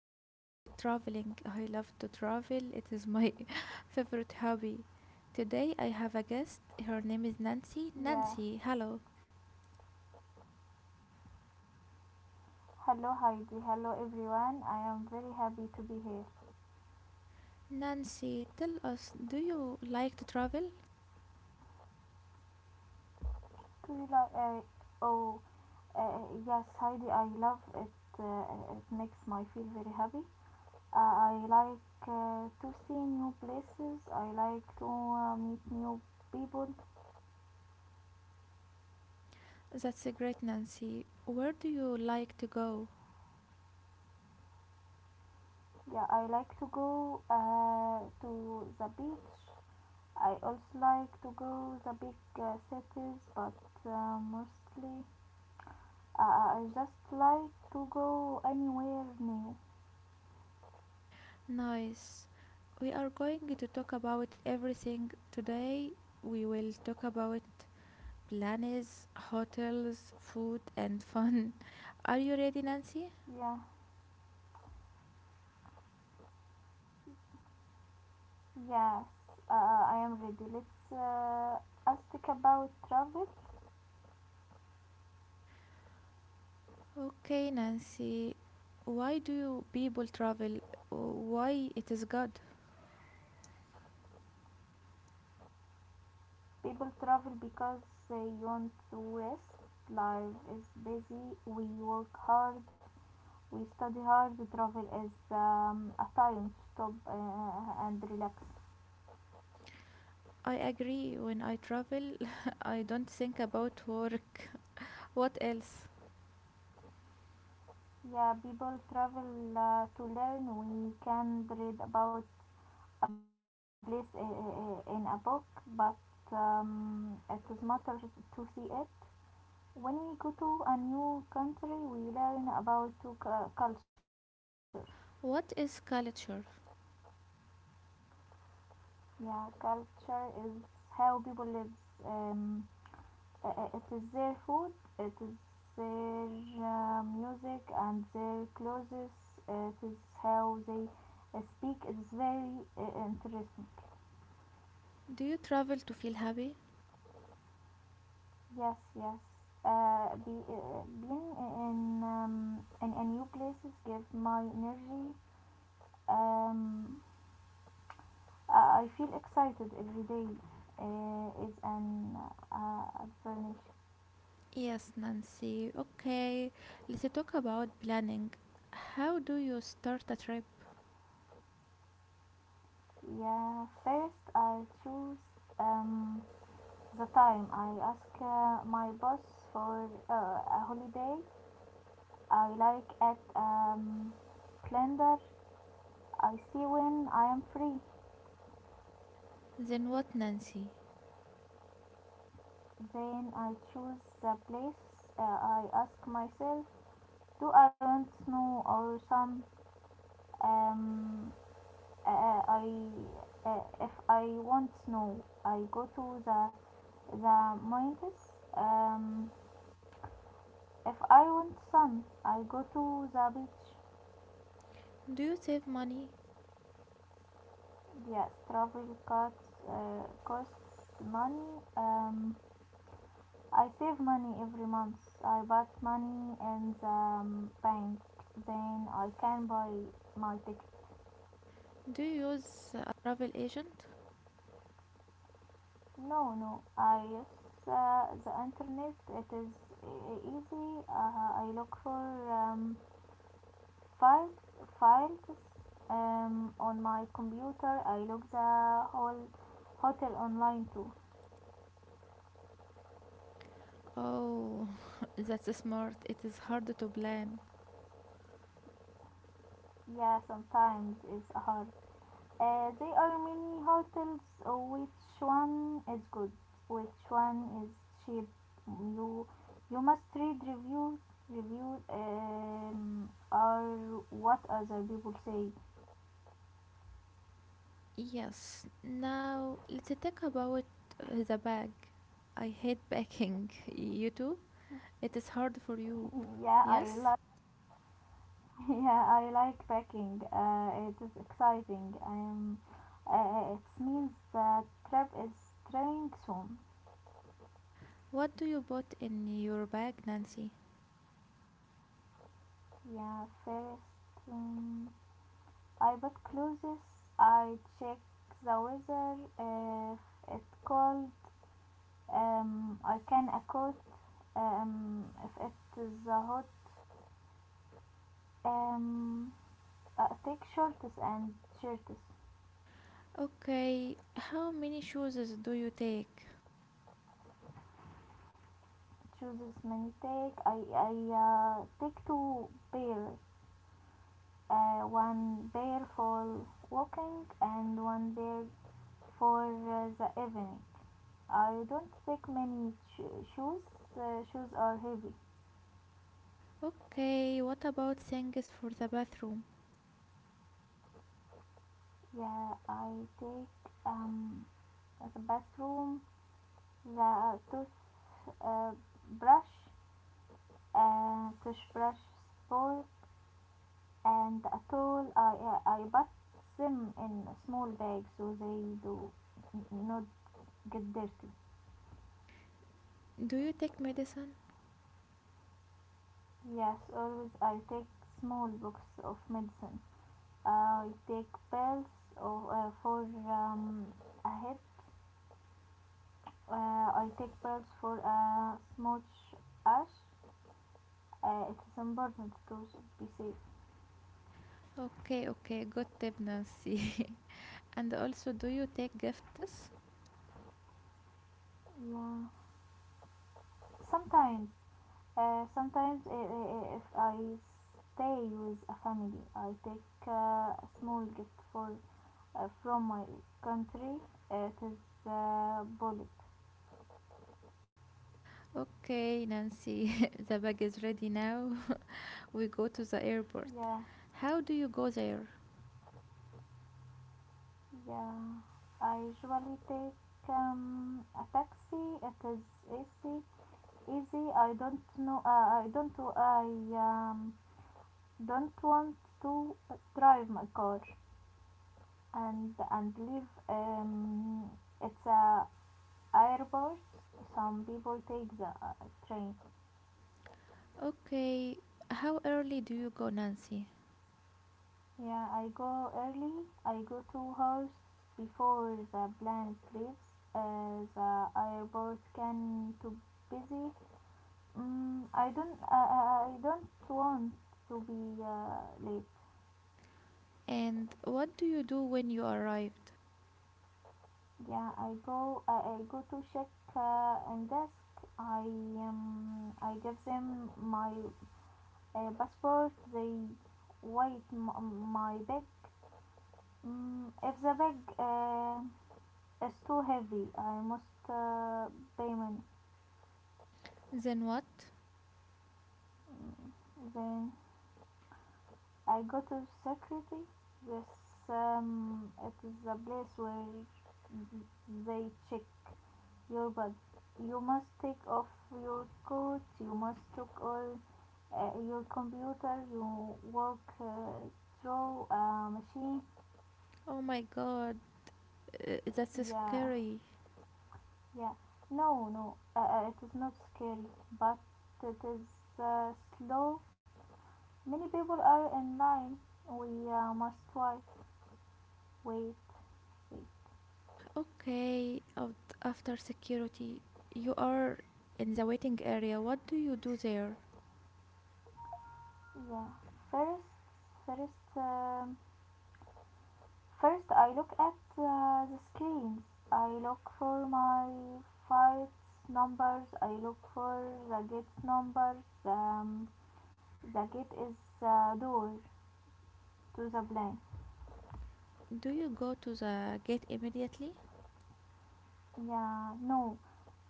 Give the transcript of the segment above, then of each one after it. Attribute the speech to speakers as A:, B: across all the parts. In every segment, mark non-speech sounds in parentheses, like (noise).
A: talk about traveling. I love to travel, it is my (laughs) favorite hobby. Today I have a guest. Her name is Nancy.
B: Yeah.
A: Nancy, hello.
B: Hello, Heidi. Hello, everyone. I am very happy to be here.
A: Nancy, tell us, do you like to travel?
B: Do you like? Oh, yes, Heidi. I love it. It makes me feel very happy. I like to see new places. I like to meet new people.
A: That's a great Nancy. Where do you like to go?
B: Yeah, I like to go to the beach. I also like to go the big cities, but mostly I just like to go anywhere new.
A: Nice. We are going to talk about everything today. We will talk about plans, hotels, food, and fun. (laughs) Are you ready, Nancy?
B: Yeah, yes, I am ready. Let's ask about travel.
A: Okay, Nancy. Why do people travel? Why it is good?
B: People travel because they want to rest. Life is busy. We work hard. We study hard. Travel is a time to stop and relax.
A: I agree. When I travel, (laughs) I don't think about work. (laughs) What else?
B: Yeah, people travel to learn. We can read about a place in a book, but it is matter to see it. When we go to a new country, we learn about two culture.
A: What is culture?
B: Yeah, culture is how people live. Um, it is their food, it is their music, and their clothes. It is how they speak. It's very interesting.
A: Do you travel to feel happy?
B: Yes, yes. Being in a new places give my energy. Um, I feel excited every day. It's an advantage.
A: Yes, Nancy. Okay, let's talk about planning. How do you start a trip?
B: Yeah. First, I choose um, the time. I ask my boss for a holiday. I like at calendar. I see when I am free.
A: Then what, Nancy?
B: Then I choose the place, I ask myself, do I want snow or sun? Um, I if I want snow, I go to the mountains. Um, if I want sun, I go to the beach.
A: Do you save money?
B: Yes, travel costs money. Um, I save money every month. I put money in the bank. Then I can buy my ticket.
A: Do you use a travel agent?
B: No, no. I use the internet. It is easy. I look for um, files, files on my computer. I look the whole hotel online too.
A: Oh, (laughs) that's smart. It is hard to plan.
B: Yeah, sometimes it's hard. There are many hotels. Which one is good? Which one is cheap? You you must read reviews. Reviews are what other people say.
A: Yes, now let's talk about the bag. I hate packing. (laughs) You too? It is hard for you.
B: (laughs) yeah, I
A: Yes?
B: like. (laughs) Yeah, I like packing. It is exciting. It means the trip is starting soon.
A: What do you put in your bag, Nancy?
B: Yeah, first. Um, I put clothes, I check the weather, if it's cold, I can a coat, if it is a hot, um, I take shorts and shirts.
A: Okay, how many shoes do you take?
B: Chooses many take, I take two pairs, one pair for walking and one pair for the evening. I don't take many shoes, shoes are heavy.
A: Okay, what about things for the bathroom?
B: Yeah, I take um the bathroom, the uh, brush, a toothbrush spool, and a tool. I put them in a small bags so they do not get dirty.
A: Do you take medicine?
B: Yes, always I take small box of medicine. I take pills of, for um, a head. I take pills for a smudge ash. It is important to be safe.
A: Okay, okay, good tip, Nancy. (laughs) and also, do you take gifts?
B: Yeah. Sometimes, if I stay with a family, I take a small gift for from my country. It is bullet.
A: Okay, Nancy, (laughs) the bag is ready now. (laughs) we go to the airport.
B: Yeah,
A: How do you go there?
B: yeah. I usually take a taxi. It is easy. Easy. I don't know. I don't. I um, don't want to drive my car. And leave it's a airport some people take the train.
A: Okay, how early do you go, Nancy?
B: Yeah, I go early. I go 2 hours before the plane leaves. The airport can too busy. I don't want to be late.
A: And what do you do when you arrived?
B: Yeah, I go to check and desk. I give them my passport. They weighed my bag. If the bag is too heavy I must pay money.
A: Then what?
B: Mm, then I go to security. This It is the place where they check your body. You must take off your coat. You must took all your computer. You work through a machine.
A: Oh my god, that's
B: Yeah.
A: scary.
B: Yeah, no, it is not scary, but it is slow. Many people are in line. We must try. Wait, wait.
A: Okay, after security, you are in the waiting area. What do you do there?
B: Yeah. First, first, um, first, I look at the screens. I look for my flights numbers. I look for the gate numbers. The gate is door to the plane.
A: Do you go to the gate immediately?
B: Yeah, no,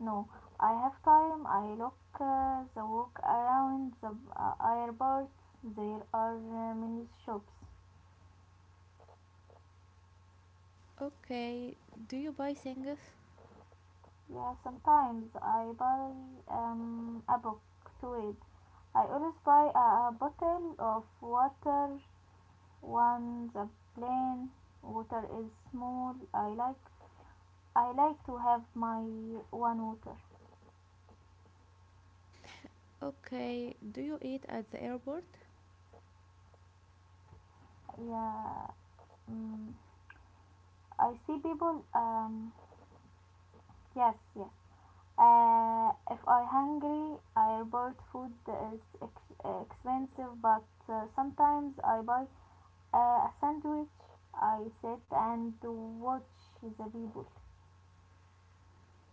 B: no. I have time. I look the walk around the airport. There are many shops.
A: Okay, do you buy things?
B: Yeah, sometimes I buy a book to read. I always buy a bottle of water. One the plain water is small. I like to have my one water.
A: Okay, do you eat at the airport?
B: Yeah, mm, I see people. Yes, yes. If I hungry, I report food is expensive, but sometimes I buy a sandwich. I sit and watch the people.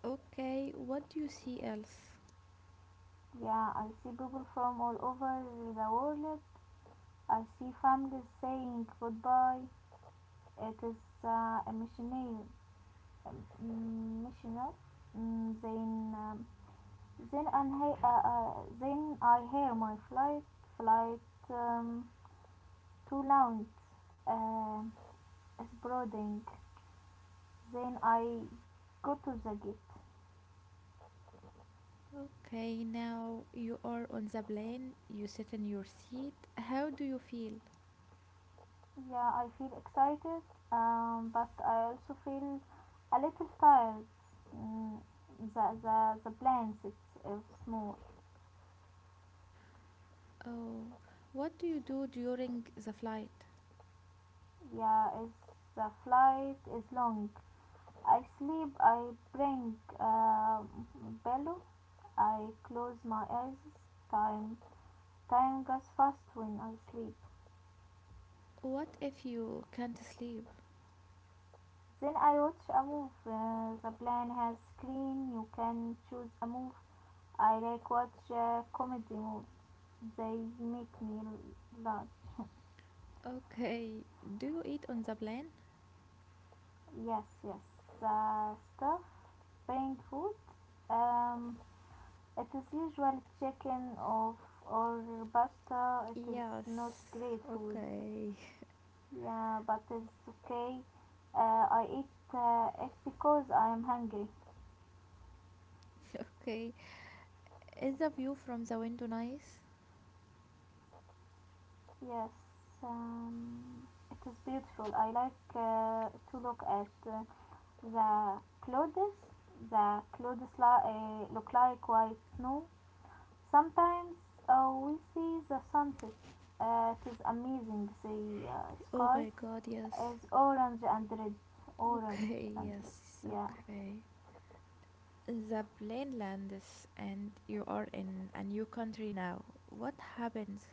A: Okay, what do you see else?
B: Yeah, I see people from all over the world. I see families saying goodbye. It is uh, emotional, emotional. Mm, Then, um, then, I, uh, uh, then I hear my flight. Um, to launch um, exploding. Then I go to the gate.
A: Okay, now you are on the plane, you sit in your seat. How do you feel?
B: Yeah, I feel excited, but I also feel a little tired. Mm, the plans it's small.
A: Oh, what do you do during the flight?
B: The flight is long. I sleep. I bring pillow. I close my eyes. Time time goes fast when I sleep.
A: What if you can't sleep?
B: Then I watch a move. The plan has screen. You can choose a move. I like watch comedy moves. They make me laugh. (laughs)
A: Okay, do you eat on the plane?
B: yes, yes. The stuff, buying food. Um, it is usually chicken of or pasta. It is not
A: Yes.
B: great food.
A: Okay. (laughs)
B: Yeah, but it's okay. I eat it because I am hungry.
A: Okay, is the view from the window nice?
B: Yes, it is beautiful. I like to look at the clouds. The clouds look like white snow. Sometimes we see the sunset. It is amazing. The
A: Oh
B: sky
A: my god, yes.
B: is orange and red. Orange
A: Okay,
B: and
A: yes,
B: red. Yeah.
A: okay. The plane lands and you are in a new country now. What happens?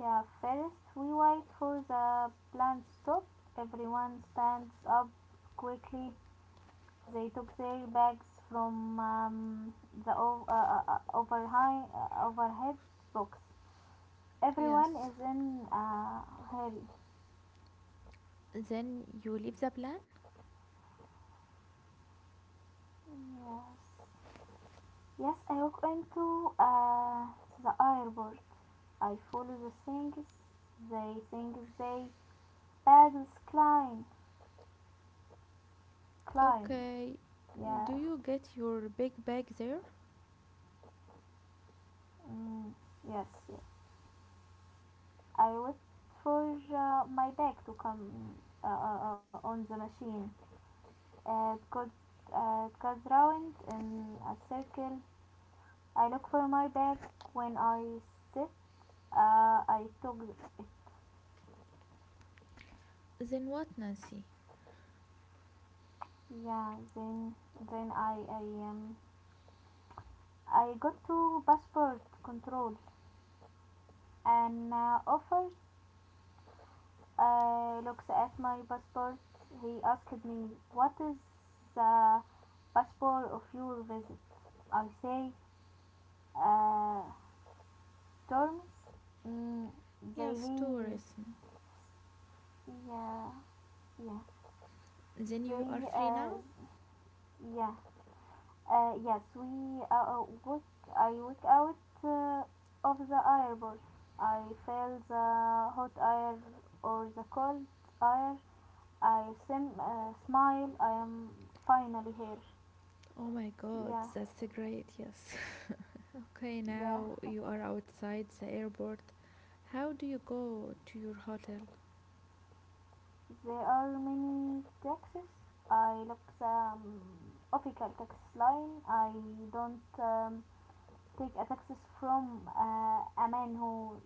B: Yeah, first we wait for the plane stop. Everyone stands up quickly. They took their bags from overhead box.
A: Yes.
B: Everyone is in a hurry.
A: Then you leave the plane?
B: Yes. Yes, I walk into the airport. I follow the things. They think they bags climb. Climb.
A: Okay. Do
B: Yeah.
A: you get your big bag there?
B: Mm, yes, yes. I wait for my bag to come on the machine. Uh, it goes, it goes round in a circle. I look for my bag when I sit. I took it.
A: Then what, Nancy?
B: Yeah, then um I got to passport control and officer looks at my passport. He asked me, "What is the passport of your visit?" I say, uh, "Terms." Mm,
A: Yes,
B: they
A: tourism.
B: he yeah Yeah.
A: Then you are
B: They,
A: free
B: uh,
A: now?
B: yeah, yes, we I work out of the airport. I feel the hot air or the cold air. Smile. I am finally here.
A: Oh my god,
B: Yeah,
A: that's great, yes. (laughs) Okay, now
B: yeah.
A: you are outside the airport. How do you go to your hotel?
B: There are many taxis. I look the official tax line. I don't take a taxis from a man who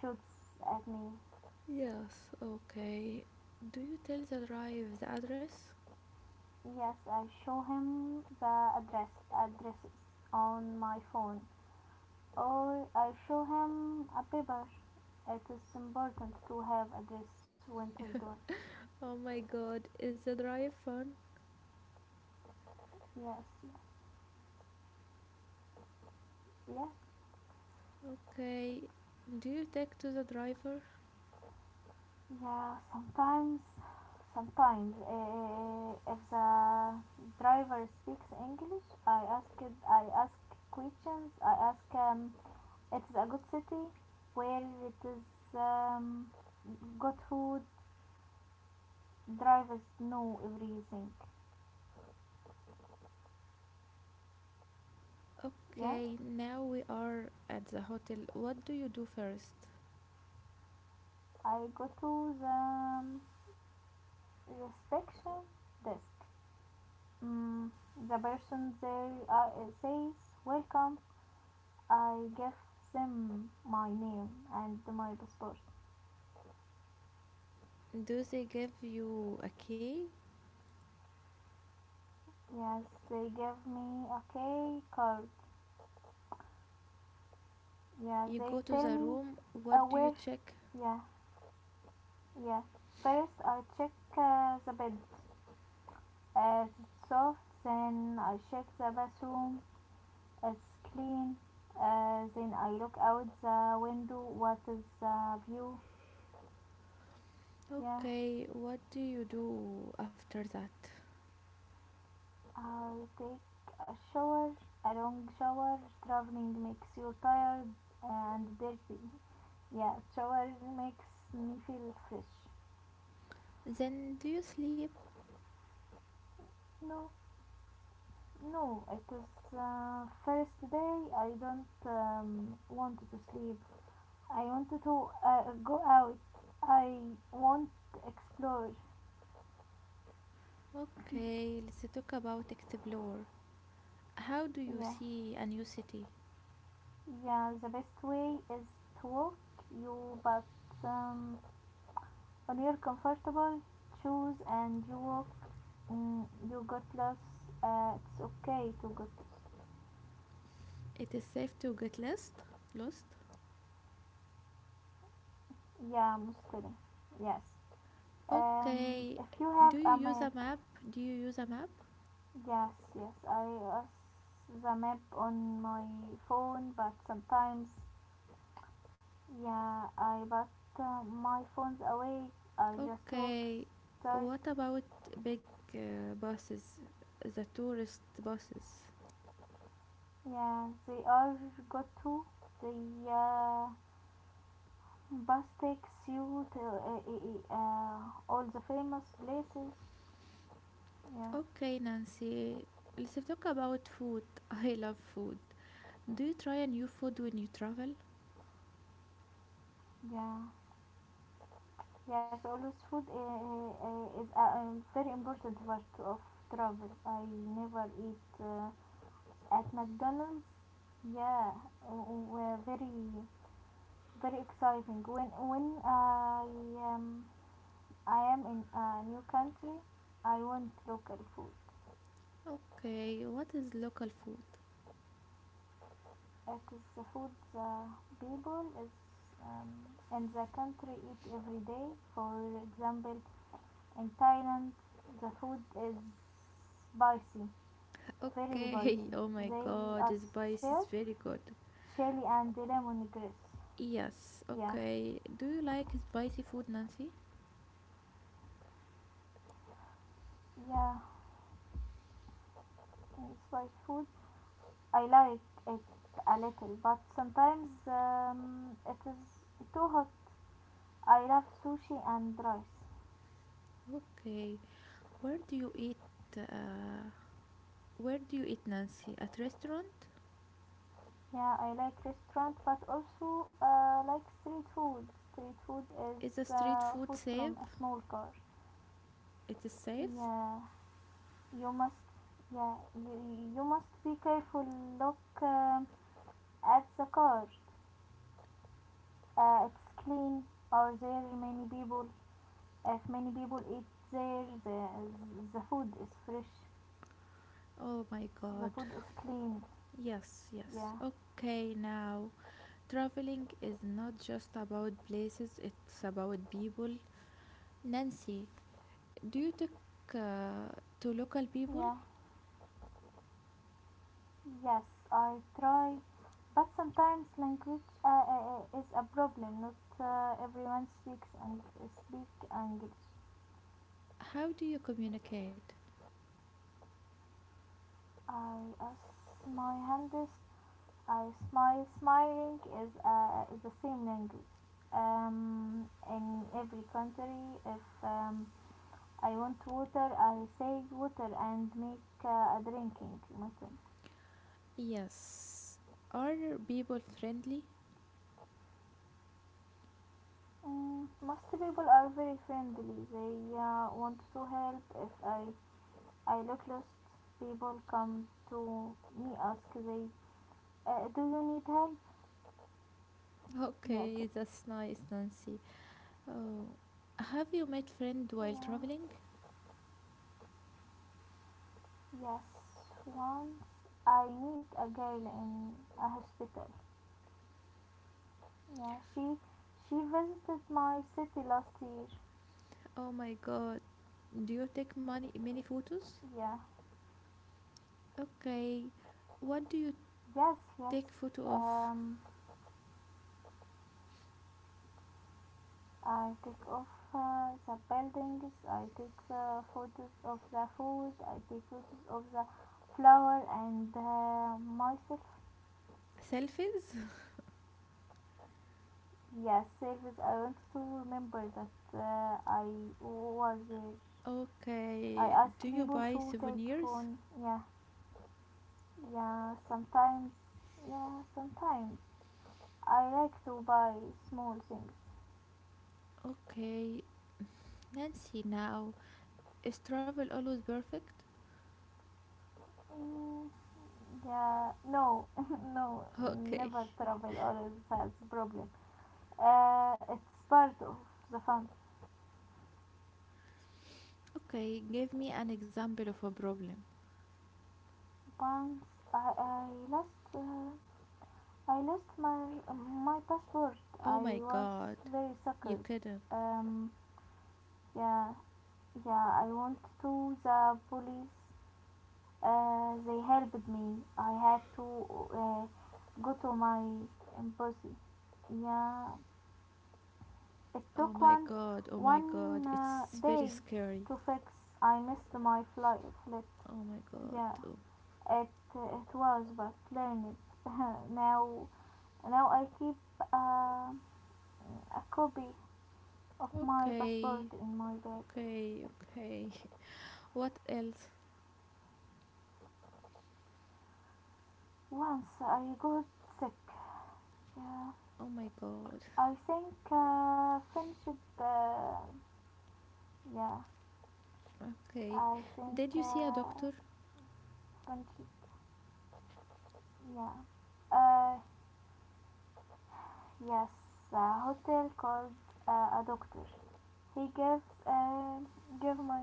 B: shoots at me.
A: Yes, okay. Do you tell the drive the address?
B: Yes, I show him the addresses on my phone. Or I show him a paper. It is important to have address Winterdon.
A: Oh my god, is the drive fun?
B: Yes, yes, yes.
A: Okay, do you talk to the driver?
B: Yeah, sometimes, if the driver speaks English, I ask questions. I ask him. It's a good city where it is go to drivers know everything. Yeah,
A: Okay, now we are at the hotel. What do you do first?
B: I go to the inspection desk. Mm, the person there says welcome. I give them my name and my passport.
A: Do they give you a key?
B: Yes, they give me a key card. Yeah,
A: You
B: they
A: go to
B: tell
A: the
B: me
A: room. What do you
B: where.
A: check?
B: Yeah, yeah. First, I check the bed. As soft. Then I check the bathroom, it's clean. Then I look out the window, what is the view? Yeah.
A: Okay, what do you do after that?
B: I will take a shower, a long shower. Traveling makes you tired and dirty. Yeah, shower makes me feel fresh.
A: Then do you sleep?
B: No, no, it was first day. I don't want to sleep. I want to go out. I want to explore.
A: Okay, let's talk about explore. How do you
B: Yeah,
A: see a new city?
B: yeah. The best way is to walk. You, but um, when you're comfortable, choose and you walk. You got lost. It's okay to get.
A: It is safe to get lost? Lost?
B: Yeah, Muslim. Yes.
A: Okay,
B: If you have
A: do you
B: a
A: use
B: map,
A: a map? Do you use a map?
B: yes, yes. I use the map on my phone, but sometimes. Yeah, I put my phones away. I just walk
A: Okay,
B: start.
A: what about big buses? The tourist buses?
B: Yeah, they are got to. The uh, bus takes you to all the famous places. Yeah,
A: Okay, Nancy, let's talk about food. (laughs) I love food. Do you try a new food when you travel?
B: yeah, yeah. So, always food is a very important part of travel. I never eat at McDonald's. Yeah, w- w- very very exciting. When I am in a new country, I want local food.
A: Okay, what is local food?
B: It is the food the people is um, in the country eat every day. For example, in Thailand, the food is spicy, very
A: Okay,
B: spicy.
A: (laughs) oh my
B: They
A: god,
B: use
A: spice
B: chili,
A: is very good.
B: chili and lemongrass.
A: Yes,
B: Yeah,
A: okay. Do you like spicy food, Nancy?
B: yeah, spicy food I like it a little, but sometimes it is too hot. I love sushi and rice.
A: Okay, where do you eat? Uh, where do you eat, Nancy? At restaurant?
B: Yeah, I like restaurant, but also like street food. Street food
A: Is a
B: is
A: street food
B: food from a
A: safe?
B: small car.
A: It is safe?
B: Yeah, you must. Yeah, you must be careful. Look at the car. It's clean. Are there many people? If many people eat there, the food is fresh.
A: Oh my
B: The
A: god.
B: food is clean.
A: Yes, yes.
B: Yeah.
A: Okay, now traveling is not just about places, it's about people. Nancy, do you talk uh, to local people?
B: Yeah. Yes, I try. But sometimes language is a problem. Not everyone speak English.
A: How do you communicate?
B: I ask my hands. I smile. Smiling is the same language. In every country, if I want water, I say water and make a drinking mutton.
A: Yes. Are people friendly?
B: Mm, most people are very friendly. They want to help. If I look lost, people come to me ask do you need help? Yeah, c-
A: Okay, that's nice, Nancy. Oh, have you met friend while
B: yeah,
A: traveling?
B: yes. Once I meet a girl in a hospital. Yeah, she visited my city last year.
A: Oh my god. Do you take many photos?
B: Yeah,
A: Okay. What do you
B: yes, yes.
A: take photo of?
B: Um, I take off the buildings, I take the photos of the food, I take photos of the flower and myself.
A: Selfies?
B: Yes, service. I want to remember that I was there. I
A: Okay.
B: ask
A: Do you
B: people
A: buy
B: to take
A: souvenirs?
B: phone. Yeah, yeah. Sometimes, yeah, sometimes I like to buy small things.
A: Okay. Nancy, now is travel always perfect?
B: Mm, yeah, no, (laughs) no,
A: Okay.
B: never travel always has problem. It's part of the fun.
A: Okay, give me an example of a problem.
B: Once I lost my passport.
A: Oh
B: I
A: my
B: was
A: god.
B: very
A: You
B: suckered.
A: couldn't.
B: Um, yeah, yeah. I went to the police. They helped me. I had to uh, go to my embassy. Yeah, it took
A: Oh my god,
B: one
A: it's very
B: day
A: scary.
B: to fix. I missed my flight.
A: Oh my god.
B: Yeah.
A: Oh.
B: It was, but learned. (laughs) now now I keep uh, a copy of my
A: Okay,
B: passport in my bag.
A: okay, okay. What else?
B: Once I got sick. Yeah,
A: Oh my god.
B: I think yeah,
A: Okay.
B: I think
A: Did you see a
B: uh,
A: doctor?
B: finished. Yeah. Uh, yes, a hotel called a doctor. He give my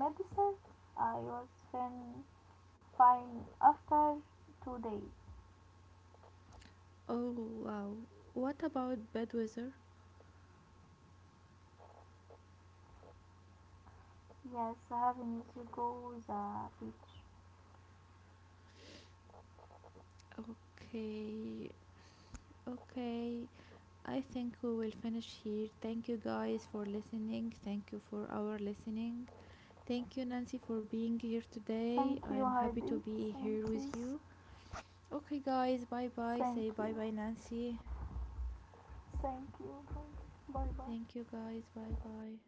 B: medicine. I was then. Fine. After 2 days.
A: Oh wow. What about bad weather?
B: Yes, having to go to the beach.
A: Okay, okay. I think we will finish here. Thank you guys for listening. Thank you for our listening. Thank you, Nancy, for being here today.
B: Thank
A: I
B: you,
A: am happy to
B: Heidi.
A: be
B: Thank
A: here with
B: you.
A: you. Okay, guys, bye bye. Say
B: Thank
A: bye
B: you.
A: bye, Nancy.
B: Thank you. Bye bye.
A: Thank you, guys. Bye bye.